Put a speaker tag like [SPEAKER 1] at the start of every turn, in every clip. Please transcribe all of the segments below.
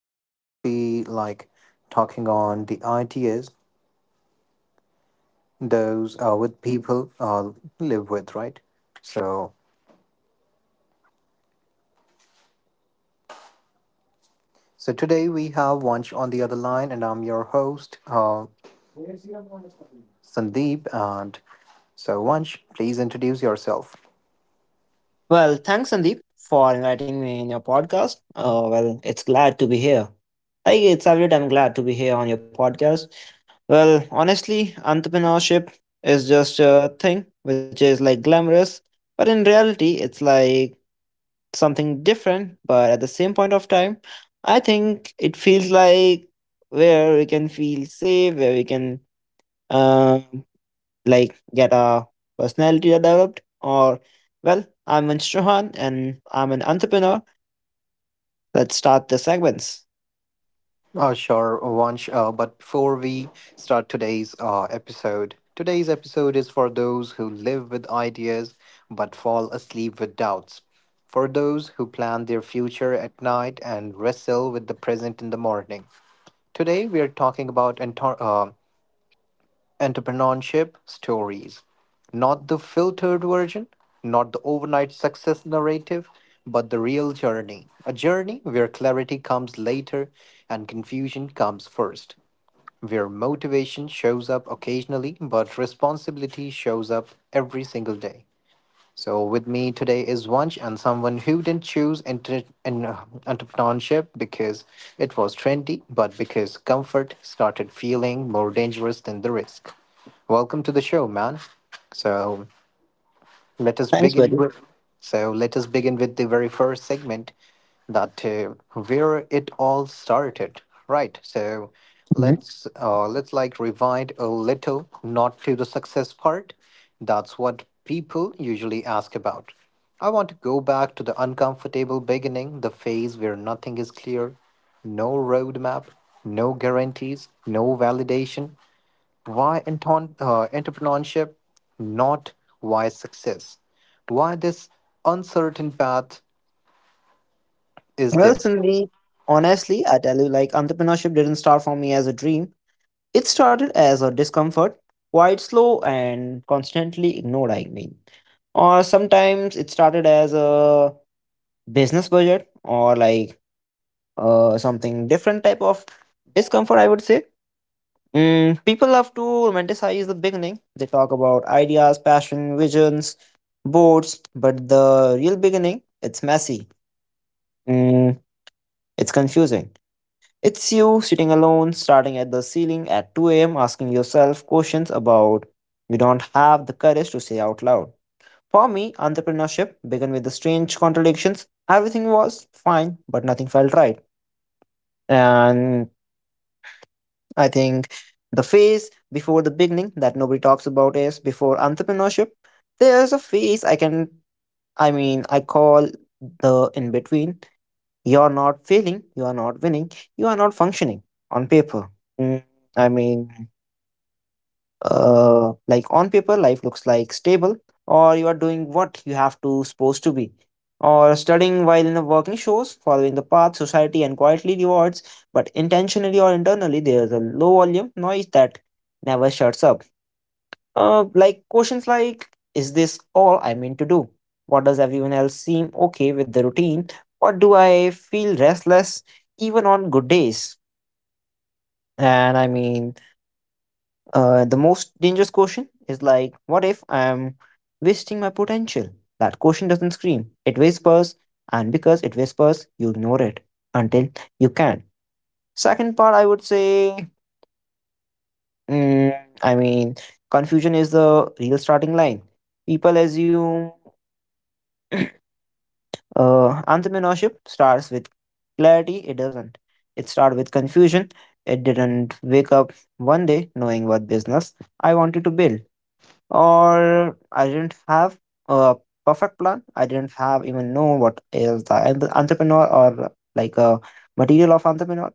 [SPEAKER 1] we would be like talking on the ideas those with people live with, right? So, so today we have Vansh on the other line, and I'm your host, Sandeep. And so, Vansh, please introduce yourself.
[SPEAKER 2] Well, thanks, Sandeep, for inviting me in your podcast. Well, it's glad to be here. Like, it's every time glad to be here on your podcast. Well, honestly, entrepreneurship is just a thing which is like glamorous, but in reality, it's like something different. But at the same point of time, I think it feels like where we can feel safe, where we can. Um, like get a personality that developed or well I'm Vince Johan and I'm an entrepreneur. Let's start the segments.
[SPEAKER 1] Sure, Vansh. But before we start today's episode, today's episode is for those who live with ideas but fall asleep with doubts. For those who plan their future at night and wrestle with the present in the morning. Today, we are talking about entrepreneurship stories. Not the filtered version, not the overnight success narrative, but the real journey. A journey where clarity comes later and confusion comes first. Where motivation shows up occasionally, but responsibility shows up every single day. So with me today is Vansh and someone who didn't choose entrepreneurship because it was trendy, but because comfort started feeling more dangerous than the risk. Welcome to the show, man. So let us
[SPEAKER 2] Thanks,
[SPEAKER 1] begin
[SPEAKER 2] buddy.
[SPEAKER 1] with. So let us begin with the very first segment, that where it all started, right? So
[SPEAKER 2] Mhm.
[SPEAKER 1] let's like rewind a little, not to the success part. That's what people usually ask about. I want to go back to the uncomfortable beginning, the phase where nothing is clear, no roadmap, no guarantees, no validation, why entrepreneurship, not why success? Why this uncertain path is
[SPEAKER 2] Well,
[SPEAKER 1] there?
[SPEAKER 2] Cindy, honestly I tell you like entrepreneurship didn't start for me as a dream, it started as a discomfort, quite slow and constantly ignored. Or sometimes it started as a business budget or like something different type of discomfort, I would say. Mm, people love to romanticize the beginning. They talk about ideas, passion, visions, boards, but the real beginning, it's messy. Mm, it's confusing. It's you sitting alone, starting at the ceiling at 2 a.m., asking yourself questions about you don't have the courage to say out loud. For me, entrepreneurship began with the strange contradictions. Everything was fine, but nothing felt right. And I think the phase before the beginning that nobody talks about is before entrepreneurship. There's a phase I can, I mean, I call the in between. You're not failing, you are not winning, you are not functioning on paper. Mm, I mean, like on paper life looks like stable, or you are doing what you have to supposed to be, or studying while in the working shows following the path society and quietly rewards, but intentionally or internally there is a low volume noise that never shuts up. Like questions like, is this all I meant to do? What does everyone else seem okay with the routine, or do I feel restless even on good days? And I mean The most dangerous question is like, what if I am wasting my potential? That question doesn't scream, it whispers, and because it whispers, you ignore it until you can. Second part, I would say, mm, I mean, confusion is the real starting line. People assume entrepreneurship starts with clarity, it doesn't. It started with confusion. It didn't wake up one day knowing what business I wanted to build, or I didn't have a perfect plan. I didn't have even know what is the entrepreneur or like a material of entrepreneur.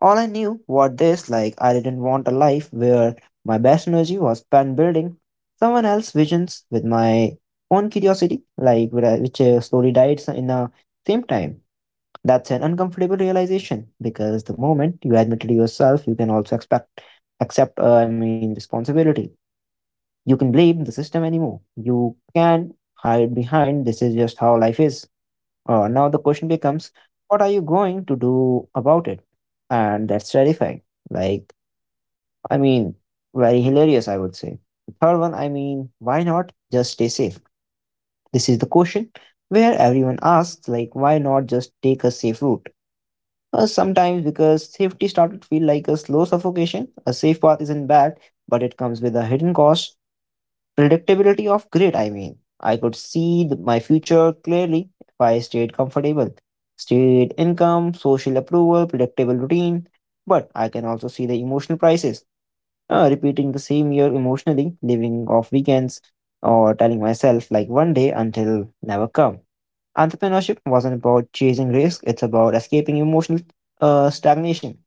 [SPEAKER 2] All I knew what this like I didn't want a life where my best energy was spent building someone else's visions with my own curiosity, like where which slowly died in the same time. That's an uncomfortable realization because the moment you admit it to yourself, you can also expect accept I mean responsibility, you can blame the system anymore. You can hide behind this is just how life is. Now the question becomes, what are you going to do about it? And that's terrifying. Like, I mean, Very hilarious, I would say. The third one, I mean, why not just stay safe? This is the question where everyone asks, like, why not just take a safe route? Sometimes because safety started to feel like a slow suffocation. A safe path isn't bad, but it comes with a hidden cost, predictability of grit. I mean, I could see my future clearly if I stayed comfortable, state income, social approval, predictable routine, but I can also see the emotional prices, repeating the same year emotionally, living off weekends, or telling myself like one day until never come. Entrepreneurship wasn't about chasing risk, it's about escaping emotional stagnation.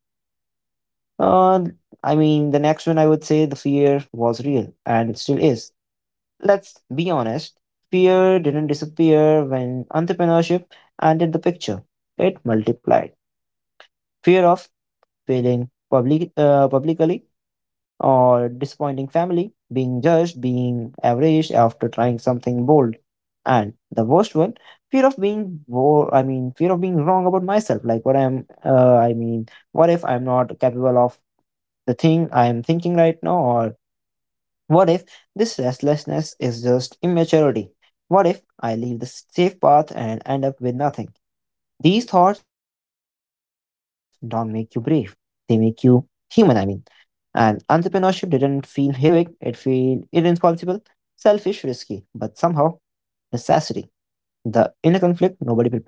[SPEAKER 2] uh, I mean, the next one I would say, the fear was real and it still is. Let's be honest, fear didn't disappear when entrepreneurship entered the picture, it multiplied. Fear of publicly, or disappointing family, being judged, being averaged after trying something bold. And the worst one, fear of being wrong about myself. Like what if I'm not capable of the thing I'm thinking right now, or what if this restlessness is just immaturity? What if I leave the safe path and end up with nothing? These thoughts don't make you brave, they make you human, I mean. And entrepreneurship didn't feel heroic, it felt irresponsible, selfish, risky, but somehow necessity. The inner conflict nobody prepares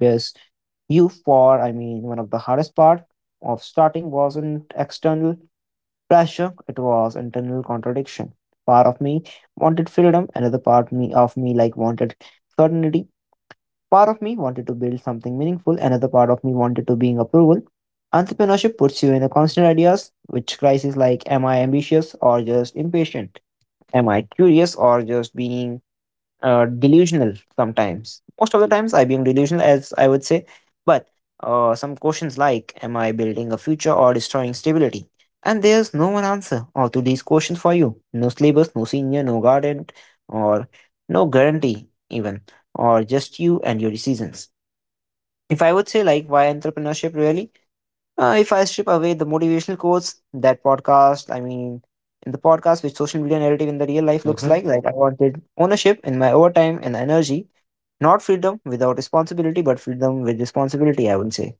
[SPEAKER 2] you for, I mean, one of the hardest part of starting wasn't external pressure, it was internal contradiction. Part of me wanted freedom, another part me of me like wanted certainty. Part of me wanted to build something meaningful, another part of me wanted to being approval. Entrepreneurship puts you in a constant ideas, which crisis like, am I ambitious or just impatient? Am I curious or just being delusional sometimes. Most of the times, I being delusional, as I would say. But some questions like, am I building a future or destroying stability? And there's no one answer or to these questions for you. No syllabus, no senior, no guardian, or no guarantee even, or just you and your decisions. If I would say like, why entrepreneurship really? If I strip away the motivational quotes, that podcast, I mean, in the podcast, which social media narrative in the real life looks
[SPEAKER 1] Mhm,
[SPEAKER 2] like I wanted ownership in my overtime and energy, not freedom without responsibility, but freedom with responsibility, I would say.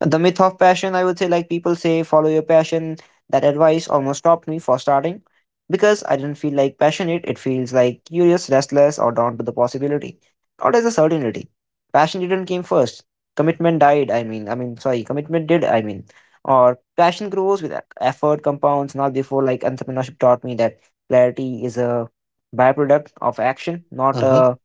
[SPEAKER 2] The myth of passion, I would say, like people say, follow your passion. That advice almost stopped me for starting because I didn't feel like passionate. It feels like curious, restless, or drawn to the possibility, not as a certainty. Passion didn't came first. Commitment died. I mean, sorry, Commitment did. Or passion grows with effort, compounds. Not before, like entrepreneurship taught me that clarity is a byproduct of action, not
[SPEAKER 1] mhm.
[SPEAKER 2] a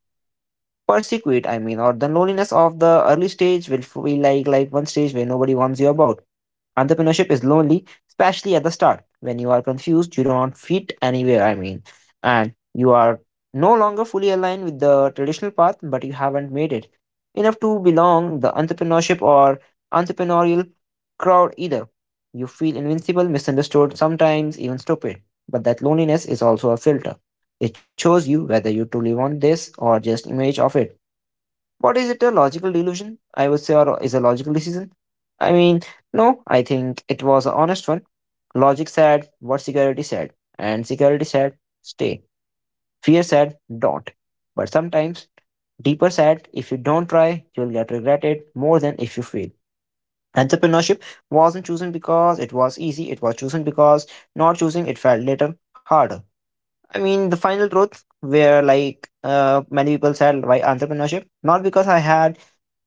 [SPEAKER 2] Persecuted, I mean, or the loneliness of the early stage will feel like one stage where nobody wants you about. Entrepreneurship is lonely, especially at the start when you are confused, you don't fit anywhere. And you are no longer fully aligned with the traditional path, but you haven't made it enough to belong the entrepreneurship or entrepreneurial crowd either. You feel invincible, misunderstood, sometimes even stupid. But that loneliness is also a filter. It shows you whether you truly want this or just image of it. What is it a logical delusion? I would say, or is a logical decision? I mean, no, I think it was an honest one. Logic said what security said, and security said stay. Fear said don't. But sometimes deeper said if you don't try, you'll get regretted more than if you fail. Entrepreneurship wasn't chosen because it was easy, it was chosen because not choosing it felt later harder. I mean, the final truth where like many people said why entrepreneurship, not because I had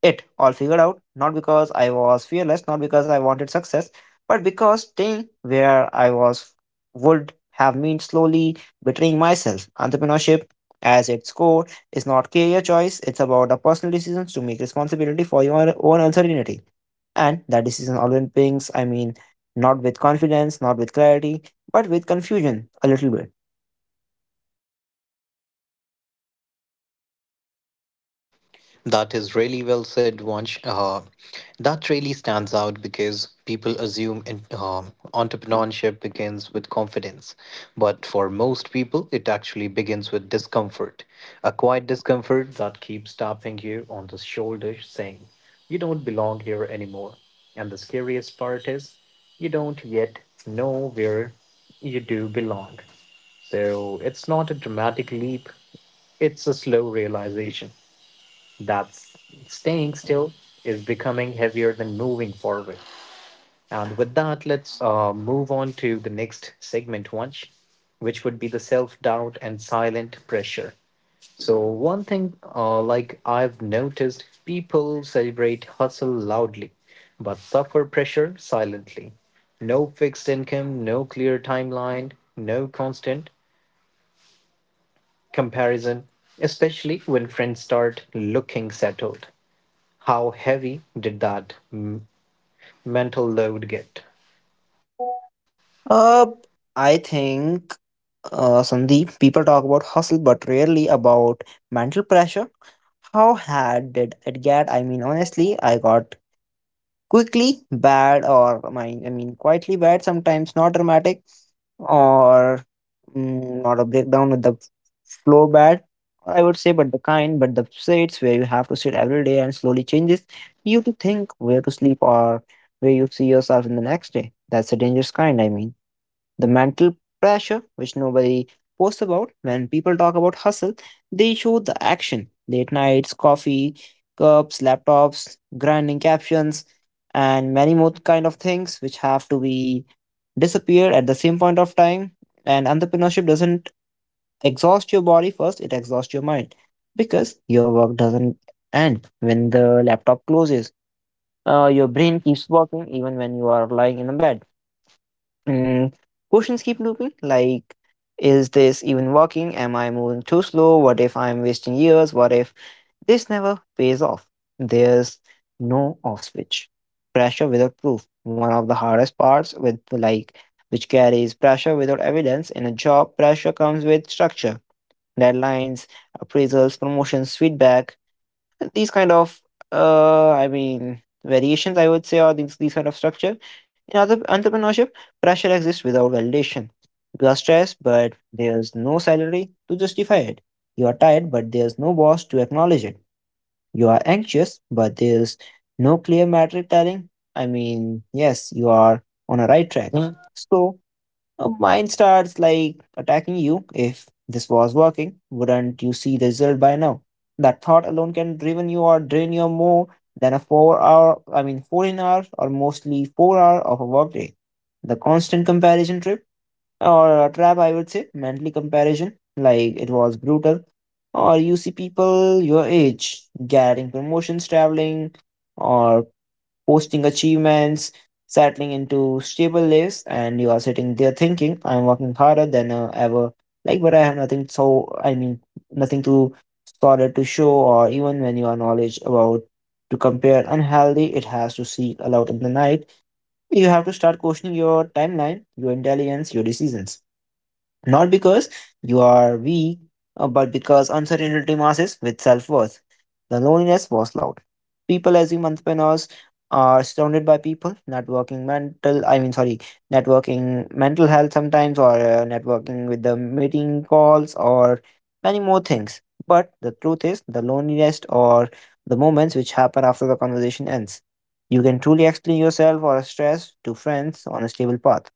[SPEAKER 2] it all figured out, not because I was fearless, not because I wanted success, but because staying where I was would have meant slowly betraying myself. Entrepreneurship, as its core, is not career choice, it's about a personal decision to make responsibility for your own uncertainty. And that decision always brings, I mean, not with confidence, not with clarity, but with confusion a little bit.
[SPEAKER 1] That is really well said, Vansh. That really stands out because people assume entrepreneurship begins with confidence. But for most people, it actually begins with discomfort. A quiet discomfort that keeps tapping you on the shoulder, saying, "You don't belong here anymore." And the scariest part is, you don't yet know where you do belong. So it's not a dramatic leap, it's a slow realization that staying still is becoming heavier than moving forward. And with that, let's move on to the next segment, Vansh, which would be the self doubt and silent pressure. So, one thing like I've noticed, people celebrate hustle loudly, but suffer pressure silently. No fixed income, no clear timeline, no constant comparison, especially when friends start looking settled. How heavy did that mental load get?
[SPEAKER 2] Uh, I think, Sandeep, people talk about hustle, but rarely about mental pressure. How hard did it get? I mean, honestly, I got quickly bad, or my, I mean, quietly bad. Sometimes not dramatic, or not a breakdown with the flow bad. I would say, but the sits where you have to sit every day and slowly changes you to think where to sleep or where you see yourself in the next day. That's a dangerous kind. I mean. The mental pressure, which nobody posts about when people talk about hustle, they show the action late nights, coffee, cups, laptops, grinding captions, and many more kind of things which have to be disappeared at the same point of time. And entrepreneurship doesn't exhaust your body first, it exhausts your mind because your work doesn't end when the laptop closes. Your brain keeps working even when you are lying in a bed. Mm, Questions keep looping like, is this even working? Am I moving too slow? What if I'm wasting years? What if this never pays off? There's no off switch. Pressure without proof. One of the hardest parts with like which carries pressure without evidence in a job, pressure comes with structure, deadlines, appraisals, promotions, feedback these kind of variations I would say, or these kind of structure in other entrepreneurship pressure exists without validation. You are stressed but there's no salary to justify it, you are tired but there's no boss to acknowledge it, you are anxious but there's no clear metric telling, I mean, yes you are on a right track. So mine starts like attacking you. If this was working, wouldn't you see the result by now? That thought alone can driven you or drain you more than a 4 hour, I mean, 14 hours or mostly 4 hour of a workday. The constant comparison trip or a trap, I would say, mentally comparison, like it was brutal. Or you see people your age getting promotions, traveling, or posting achievements, settling into stable lives, and you are sitting there thinking, I'm working harder than ever. Like, but I have nothing, so I mean, nothing to solid to show, or even when you are knowledge about to compare unhealthy, it has to seek aloud in the night. You have to start questioning your timeline, your intelligence, your decisions not because you are weak, but because uncertainty masses with self worth. The loneliness was loud. People assume entrepreneurs are surrounded by people, networking mental, I mean, sorry, networking mental health sometimes, or networking with the meeting calls, or many more things. But the truth is, the loneliness or the moments which happen after the conversation ends. You can truly explain yourself or stress to friends on a stable path,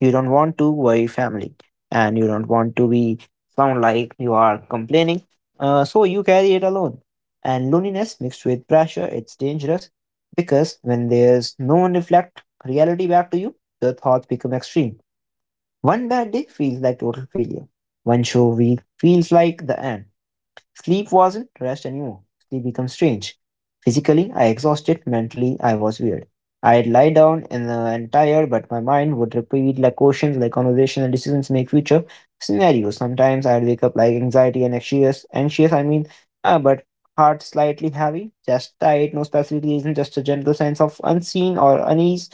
[SPEAKER 2] you don't want to worry family, and you don't want to be sound like you are complaining. So you carry it alone. And loneliness mixed with pressure, it's dangerous because when there's no one reflect reality back to you, the thoughts become extreme. One bad day feels like total failure. One show week feels like the end. Sleep wasn't rest anymore. Sleep became strange. Physically, I exhausted. Mentally, I was weird. I'd lie down in the and tired, but my mind would repeat like questions, like conversation and decisions make future scenarios. Sometimes I'd wake up like anxiety and anxious, anxious. I mean, but heart slightly heavy, just tight, no specific reason, just a general sense of unseen or unease.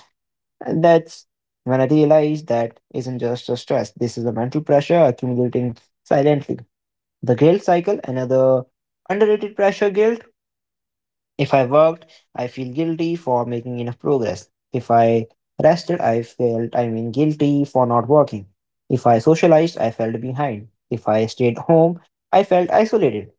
[SPEAKER 2] And that's when I realized that isn't just a stress. This is a mental pressure accumulating silently. The guilt cycle, another underrated pressure guilt. If I worked, I feel guilty for making enough progress. If I rested, I felt, I mean, guilty for not working. If I socialized, I felt behind. If I stayed home, I felt isolated.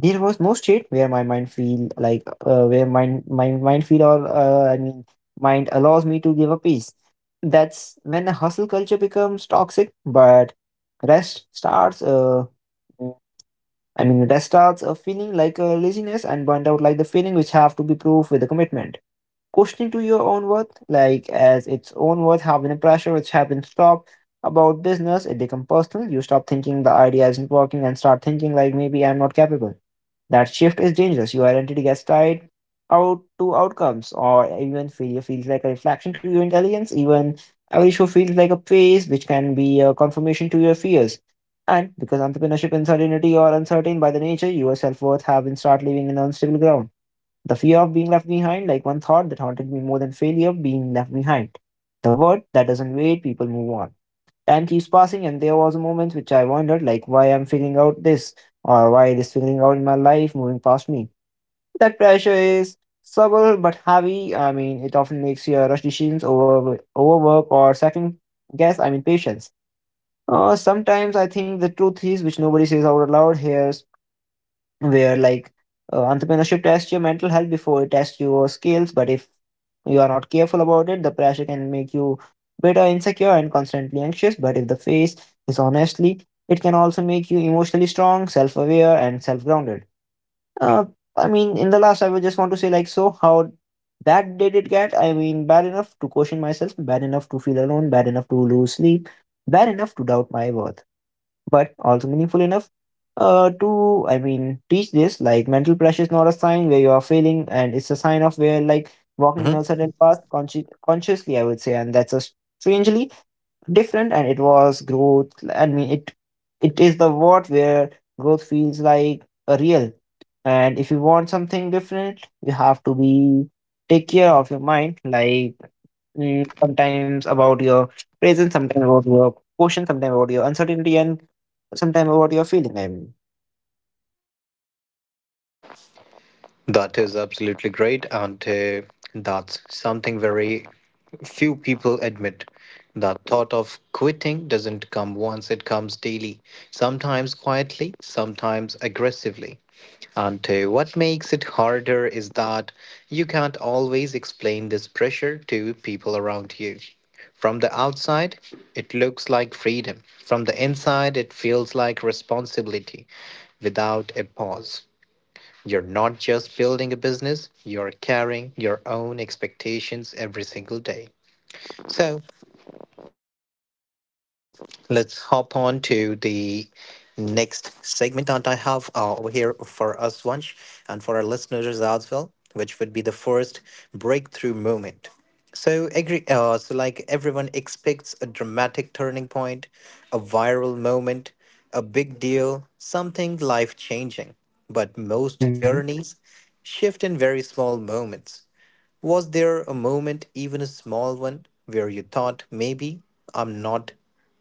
[SPEAKER 2] There was no state where my mind feel like where mind my mind feel or I mean mind allows me to give a peace. That's when the hustle culture becomes toxic, but rest starts. I mean, that starts a feeling like a laziness and burnt out like the feeling which have to be proved with a commitment. Questioning to your own worth, like as its own worth, having a pressure which have been stopped about business, it become personal. You stop thinking the idea isn't working and start thinking like maybe I'm not capable. That shift is dangerous. Your identity gets tied out to outcomes, or even failure feels like a reflection to your intelligence. Even every show feels like a phase, which can be a confirmation to your fears. And because entrepreneurship uncertainty or uncertain by the nature, your self worth have been start living in unstable ground. The fear of being left behind, like one thought that haunted me more than failure, being left behind. The word that doesn't wait, people move on, time keeps passing, and there was a moment which I wondered like why I'm figuring out this, or why it is figuring out in my life moving past me. That pressure is subtle but heavy, I mean it often makes you rush decisions, overwork, or second guess, I mean, patience. Sometimes I think the truth is which nobody says out loud here, where like entrepreneurship tests your mental health before it tests your skills, but if you are not careful about it the pressure can make you bitter, insecure, and constantly anxious. But if the face is honestly, it can also make you emotionally strong, self-aware, and self-grounded. uh, I mean, in the last I would just want to say like, so how bad did it get? I mean, bad enough to question myself, bad enough to feel alone, bad enough to lose sleep, bad enough to doubt my worth, but also meaningful enough to, I mean, teach this like mental pressure is not a sign where you are failing, and it's a sign of where like walking in
[SPEAKER 1] Mhm.
[SPEAKER 2] a certain path consciously, I would say. And that's a strangely different and it was growth, I mean. It it is the what where growth feels like a real. And if you want something different you have to be take care of your mind, like sometimes about your presence, sometimes about your question, sometimes about your uncertainty, and sometimes about your feeling. I mean.
[SPEAKER 1] That is absolutely great, and that's something very few people admit. The thought of quitting doesn't come once, it comes daily, sometimes quietly, sometimes aggressively. And what makes it harder is that you can't always explain this pressure to people around you. From the outside, it looks like freedom. From the inside, it feels like responsibility without a pause. You're not just building a business, you're carrying your own expectations every single day. So, let's hop on to the next segment that I have over here for us, Vansh, and for our listeners as well, which would be the first breakthrough moment. So, agree, so like everyone expects a dramatic turning point, a viral moment, a big deal, something life changing. But most
[SPEAKER 2] Mhm.
[SPEAKER 1] journeys shift in very small moments. Was there a moment, even a small one, where you thought maybe I'm not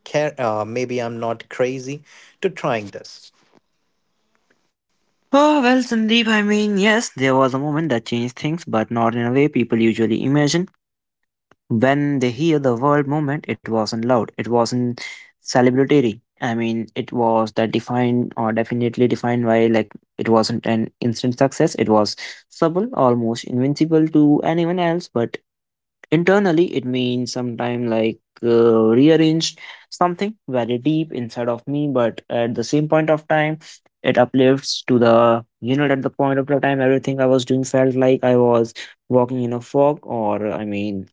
[SPEAKER 1] care, maybe I'm not crazy to trying this?
[SPEAKER 2] Oh, well, Sandeep, I mean, yes, there was a moment that changed things, but not in a way people usually imagine. When they hear the word "moment," it wasn't loud, it wasn't celebratory. I mean, it was that defined or definitely defined by like it wasn't an instant success, it was subtle, almost invincible to anyone else, but internally, it means sometime like rearranged something very deep inside of me. But at the same point of time, it uplifts to the you know at the point of the time everything I was doing felt like I was walking in a fog, or I mean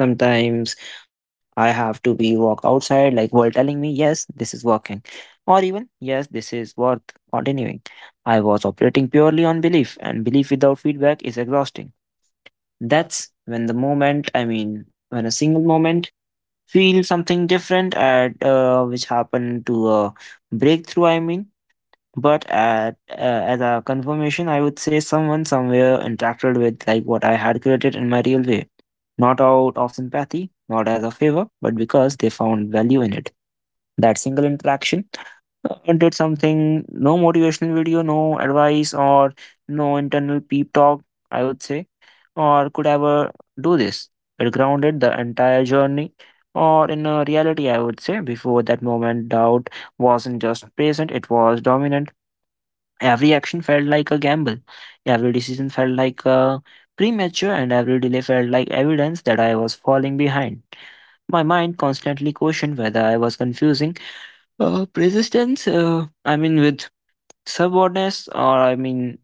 [SPEAKER 2] sometimes I have to be walk outside like world telling me yes this is working, or even yes this is worth continuing. I was operating purely on belief, and belief without feedback is exhausting. That's when the moment, I mean, when a single moment feel something different at which happened to a breakthrough, I mean. But at, as a confirmation, I would say, someone somewhere interacted with like what I had created in my real way. Not out of sympathy, not as a favor, but because they found value in it. That single interaction did something. No motivational video, no advice, or no internal peep talk, I would say, or could ever do this. It grounded the entire journey, or in a reality, I would say. Before that moment, doubt wasn't just present, it was dominant. Every action felt like a gamble, every decision felt like a premature, and every delay felt like evidence that I was falling behind. My mind constantly questioned whether I was confusing persistence, I mean, with stubbornness, or I mean,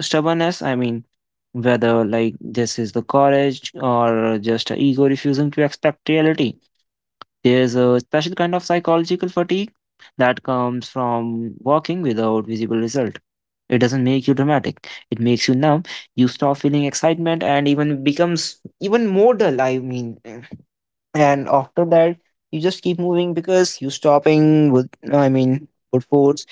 [SPEAKER 2] stubbornness, I mean, whether like this is the courage or just a ego refusing to accept reality. There's a special kind of psychological fatigue that comes from walking without visible result. It doesn't make you dramatic. It makes you numb. You stop feeling excitement and even becomes even more dull. I mean, and after that you just keep moving because you stopping with, I mean, with force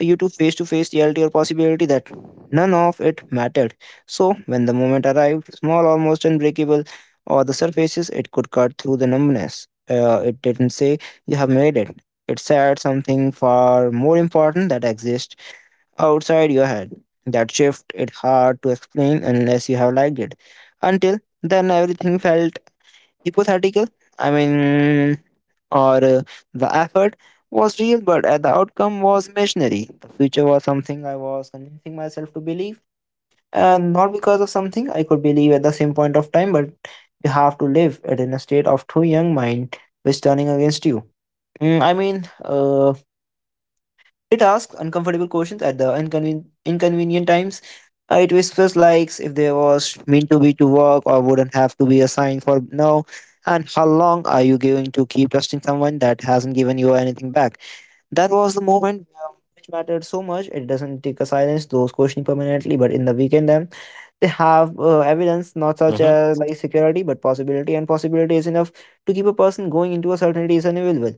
[SPEAKER 2] you to face reality or possibility that none of it mattered. So when the moment arrived, small, almost unbreakable, or the surfaces it could cut through the numbness, it didn't say you have made it, it said something far more important that exists outside your head. That shift, it's hard to explain unless you have liked it. Until then, everything felt hypothetical, I mean, or the effort was real, but the outcome was imaginary. The future was something I was convincing myself to believe, and not because of something I could believe at the same point of time, but you have to live it in a state of too young mind which turning against you. I mean, uh, it asks uncomfortable questions at the inconvenient times. It whispers likes if there was meant to be to work or wouldn't have to be assigned for now. And how long are you going to keep trusting someone that hasn't given you anything back? That was the moment which mattered so much. It doesn't take a silence those questioning permanently, but in the weekend them they have evidence not such
[SPEAKER 1] Mm-hmm.
[SPEAKER 2] as like security, but possibility, and possibility is enough to keep a person going into a certainty is inevitable.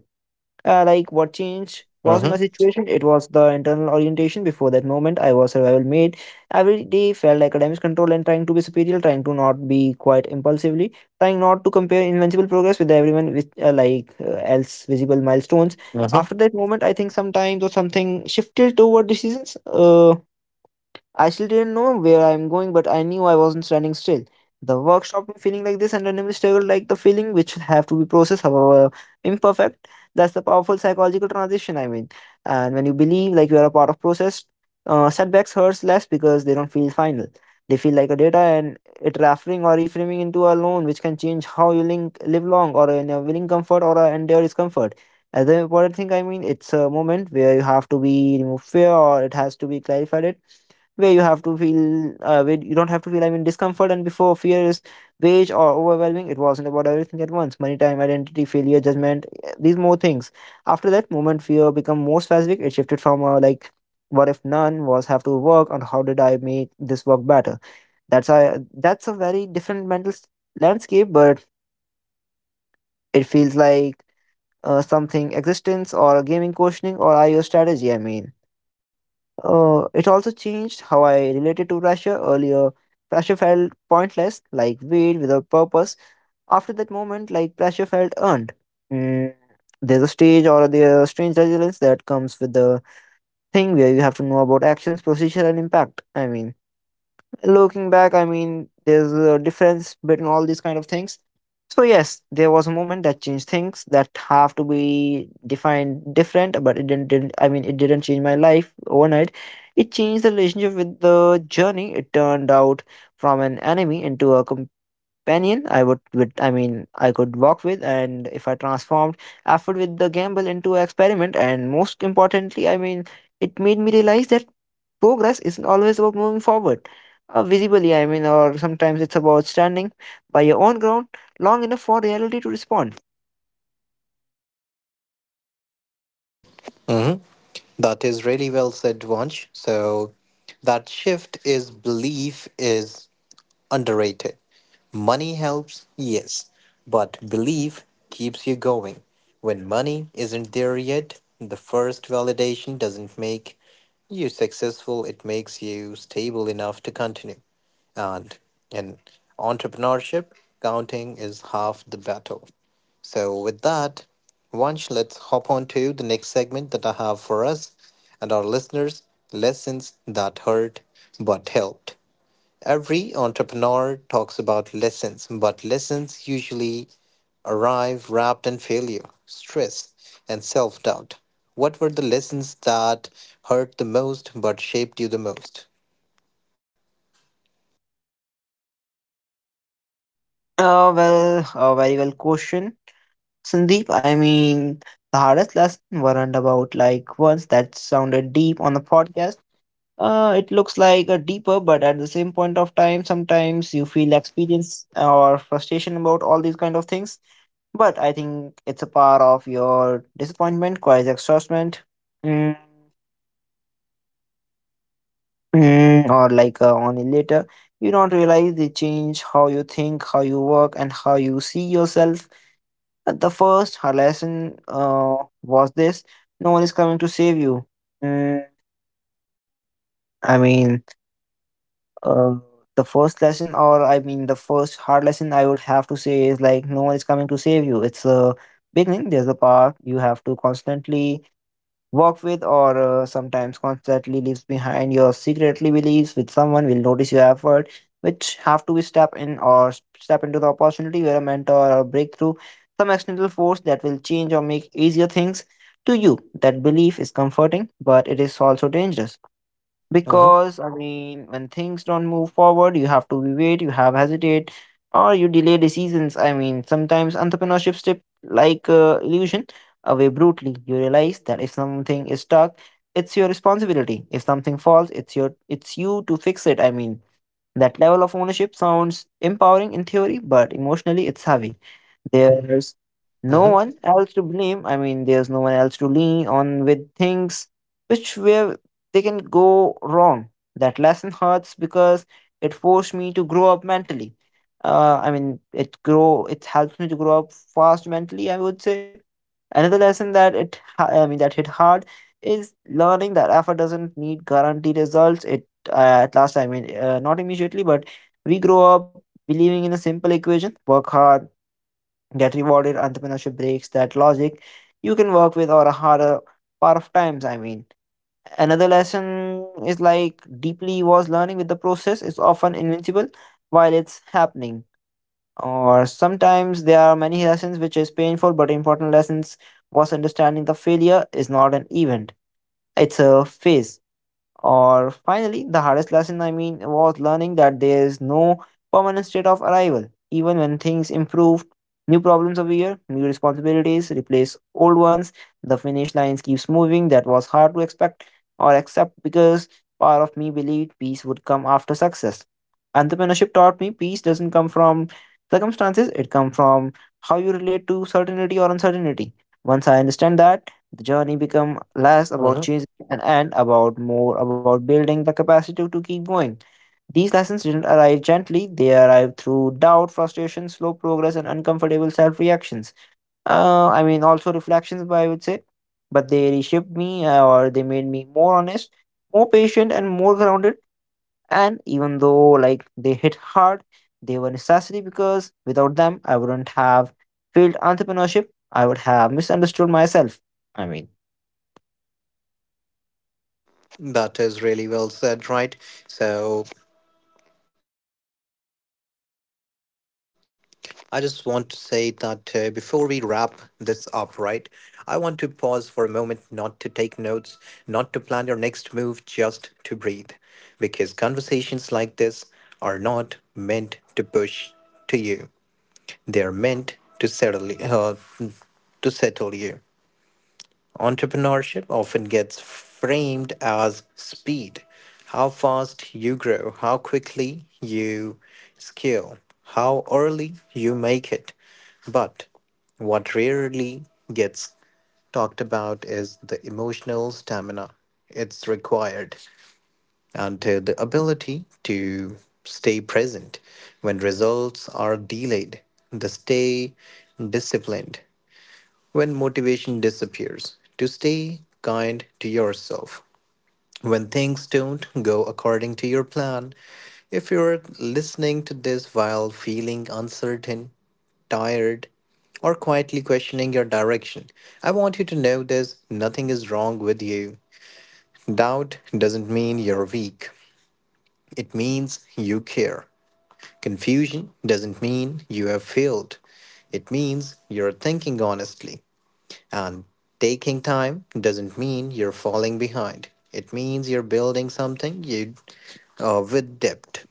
[SPEAKER 2] Like what changed wasn't my
[SPEAKER 1] Mm-hmm.
[SPEAKER 2] situation, it was the internal orientation. Before that moment I was survival made, every day felt like academic control and trying to be superior, trying to not be quite impulsively, trying not to compare invincible progress with everyone with else visible milestones.
[SPEAKER 1] Mm-hmm.
[SPEAKER 2] After that moment I think sometimes or something shifted toward decisions. I still didn't know where I'm going, but I knew I wasn't standing still. The work stopped me feeling like this and randomly stable like the feeling which have to be processed, however imperfect. That's the powerful psychological transition, I mean. And when you believe like you are a part of process, setbacks hurts less because they don't feel final. They feel like a data and it referring or reframing into a loan which can change how you link, live long or in a willing comfort or a endure discomfort. As the important thing I mean, it's a moment where you have to be remove fear or it has to be clarified it where you have to feel where you don't have to feel I mean discomfort, and before fear is beige or overwhelming, it wasn't about everything at once: money, time, identity, failure, judgment, these more things. After that moment fear become more specific. It shifted from like what if none was have to work and how did I make this work better. That's a that's a very different mental landscape, but it feels like something existence or a gaming questioning or IO strategy. I mean, it also changed how I related to pressure earlier. Pressure felt pointless, like weight without purpose. After that moment, like pressure felt earned. Mm. There's a stage or the strange resilience that comes with the thing where you have to know about actions, procedure, and impact. I mean, looking back, I mean, there's a difference between all these kind of things. So yes, there was a moment that changed things that have to be defined different, but it didn't, I mean it didn't change my life overnight. It changed the relationship with the journey. It turned out from an enemy into a companion I would with, I mean, I could walk with, and if I transformed effort with the gamble into experiment. And most importantly, I mean, it made me realize that progress isn't always about moving forward visibly, I mean, or sometimes it's about standing by your own ground long enough for reality to respond.
[SPEAKER 1] Mm-hmm. That is really well said, Vansh. So that shift is belief is underrated. Money helps, yes, but belief keeps you going. When money isn't there yet, the first validation doesn't make you successful, it makes you stable enough to continue. And in entrepreneurship, counting is half the battle. So, with that, Vansh, let's hop on to the next segment that I have for us and our listeners, lessons that hurt but helped. Every entrepreneur talks about lessons, but lessons usually arrive wrapped in failure, stress, and self doubt. What were the lessons that hurt the most but shaped you the most?
[SPEAKER 2] Well, a very well question, Sandeep. I mean, the hardest lesson weren't about like once that sounded deep on the podcast. It looks like a deeper, but at the same point of time sometimes you feel experience or frustration about all these kind of things, but I think it's a part of your disappointment quite exhaustment. Mm. Mm. Or like, on later you don't realize they change how you think, how you work, and how you see yourself. At the first her lesson, was this: no one is coming to save you. Mm. I mean, uh, the first lesson, or I mean the first hard lesson, I would have to say is like no one is coming to save you. It's a beginning. There's a path you have to constantly work with, or sometimes constantly leaves behind your secretly beliefs with someone will notice your effort, which have to be step in or step into the opportunity where a mentor or breakthrough, some external force that will change or make easier things to you. That belief is comforting, but it is also dangerous,
[SPEAKER 1] Mm-hmm,
[SPEAKER 2] because I mean when things don't move forward, you have to wait, you have hesitate, or you delay decisions. I mean sometimes entrepreneurship slip like illusion away brutally. You realize that if something is stuck, it's your responsibility. If something falls, it's your, it's you to fix it. I mean that level of ownership sounds empowering in theory, but emotionally it's heavy. There's no
[SPEAKER 1] mm-hmm,
[SPEAKER 2] one else to blame. I mean, there's no one else to lean on with things which where they can go wrong. That lesson hurts because it forced me to grow up mentally. I mean, it grow it helps me to grow up fast mentally. I would say another lesson that it I mean that hit hard is learning that effort doesn't need guaranteed results. It at last, I mean, not immediately, but we grow up believing in a simple equation: work hard, get rewarded. Entrepreneurship breaks that logic. You can work with or a harder part of times, I mean. Another lesson is like deeply was learning with the process is often invincible while it's happening. Or sometimes there are many lessons which is painful, but important lessons was understanding the failure is not an event, it's a phase. Or finally, the hardest lesson, I mean, was learning that there is no permanent state of arrival. Even when things improve, new problems appear, new responsibilities replace old ones, the finish lines keeps moving. That was hard to expect or accept because part of me believed peace would come after success. Entrepreneurship taught me peace doesn't come from circumstances, it comes from how you relate to certainty or uncertainty. Once I understand that, the journey become less about
[SPEAKER 1] mm-hmm.
[SPEAKER 2] chasing and about more about building the capacity to keep going. These lessons didn't arrive gently, they arrived through doubt, frustration, slow progress, and uncomfortable self reactions. I mean, also reflections, by I would say. But they reshaped me, or they made me more honest, more patient, and more grounded. And even though, like, they hit hard, they were necessary, because without them, I wouldn't have failed entrepreneurship. I would have misunderstood myself. I mean,
[SPEAKER 1] That is really well said, right? So, I just want to say that before we wrap this up, right, I want to pause for a moment not to take notes, not to plan your next move, just to breathe. Because conversations like this are not meant to push to you, they are meant to settle you. Entrepreneurship often gets framed as speed, how fast you grow, how quickly you scale, how early you make it. But what rarely gets talked about is the emotional stamina it's required and the ability to stay present when results are delayed, the stay disciplined when motivation disappears, to stay kind to yourself. When things don't go according to your plan, if you're listening to this while feeling uncertain, tired, or quietly questioning your direction, I want you to know this, nothing is wrong with you. Doubt doesn't mean you're weak, it means you care. Confusion doesn't mean you have failed, it means you're thinking honestly. And taking time doesn't mean you're falling behind. It means you're building something you with depth.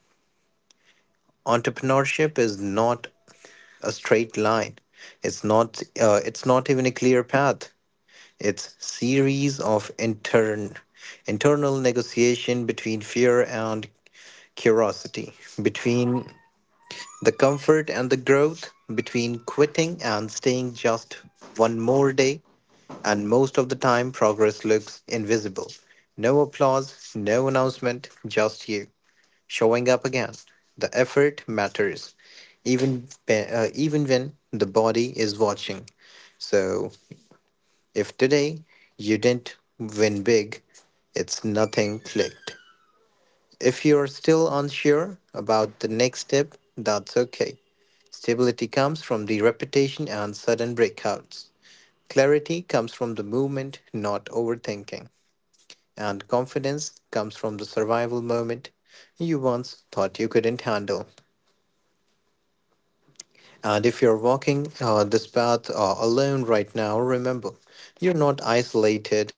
[SPEAKER 1] Entrepreneurship is not a straight line. It's not. It's not even a clear path. It's series of internal negotiation between fear and curiosity, between the comfort and the growth, between quitting and staying just one more day. And most of the time, progress looks invisible. No applause, no announcement, just you showing up again. The effort matters, even, even when the body is watching. So, if today you didn't win big, it's nothing clicked. If you're still unsure about the next step, that's okay. Stability comes from the repetition and sudden breakouts. Clarity comes from the movement, not overthinking. And confidence comes from the survival moment you once thought you couldn't handle. And if you're walking this path alone right now, remember you're not isolated,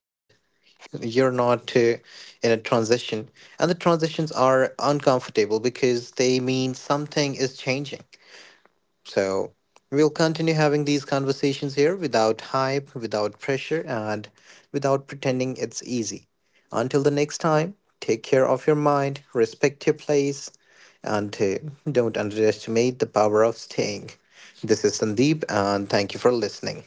[SPEAKER 1] you're not in a transition. And the transitions are uncomfortable because they mean something is changing. So we'll continue having these conversations here without hype, without pressure, and without pretending it's easy. Until the next time, take care of your mind, respect your place, and don't underestimate the power of staying. This is Sandeep, and thank you for listening.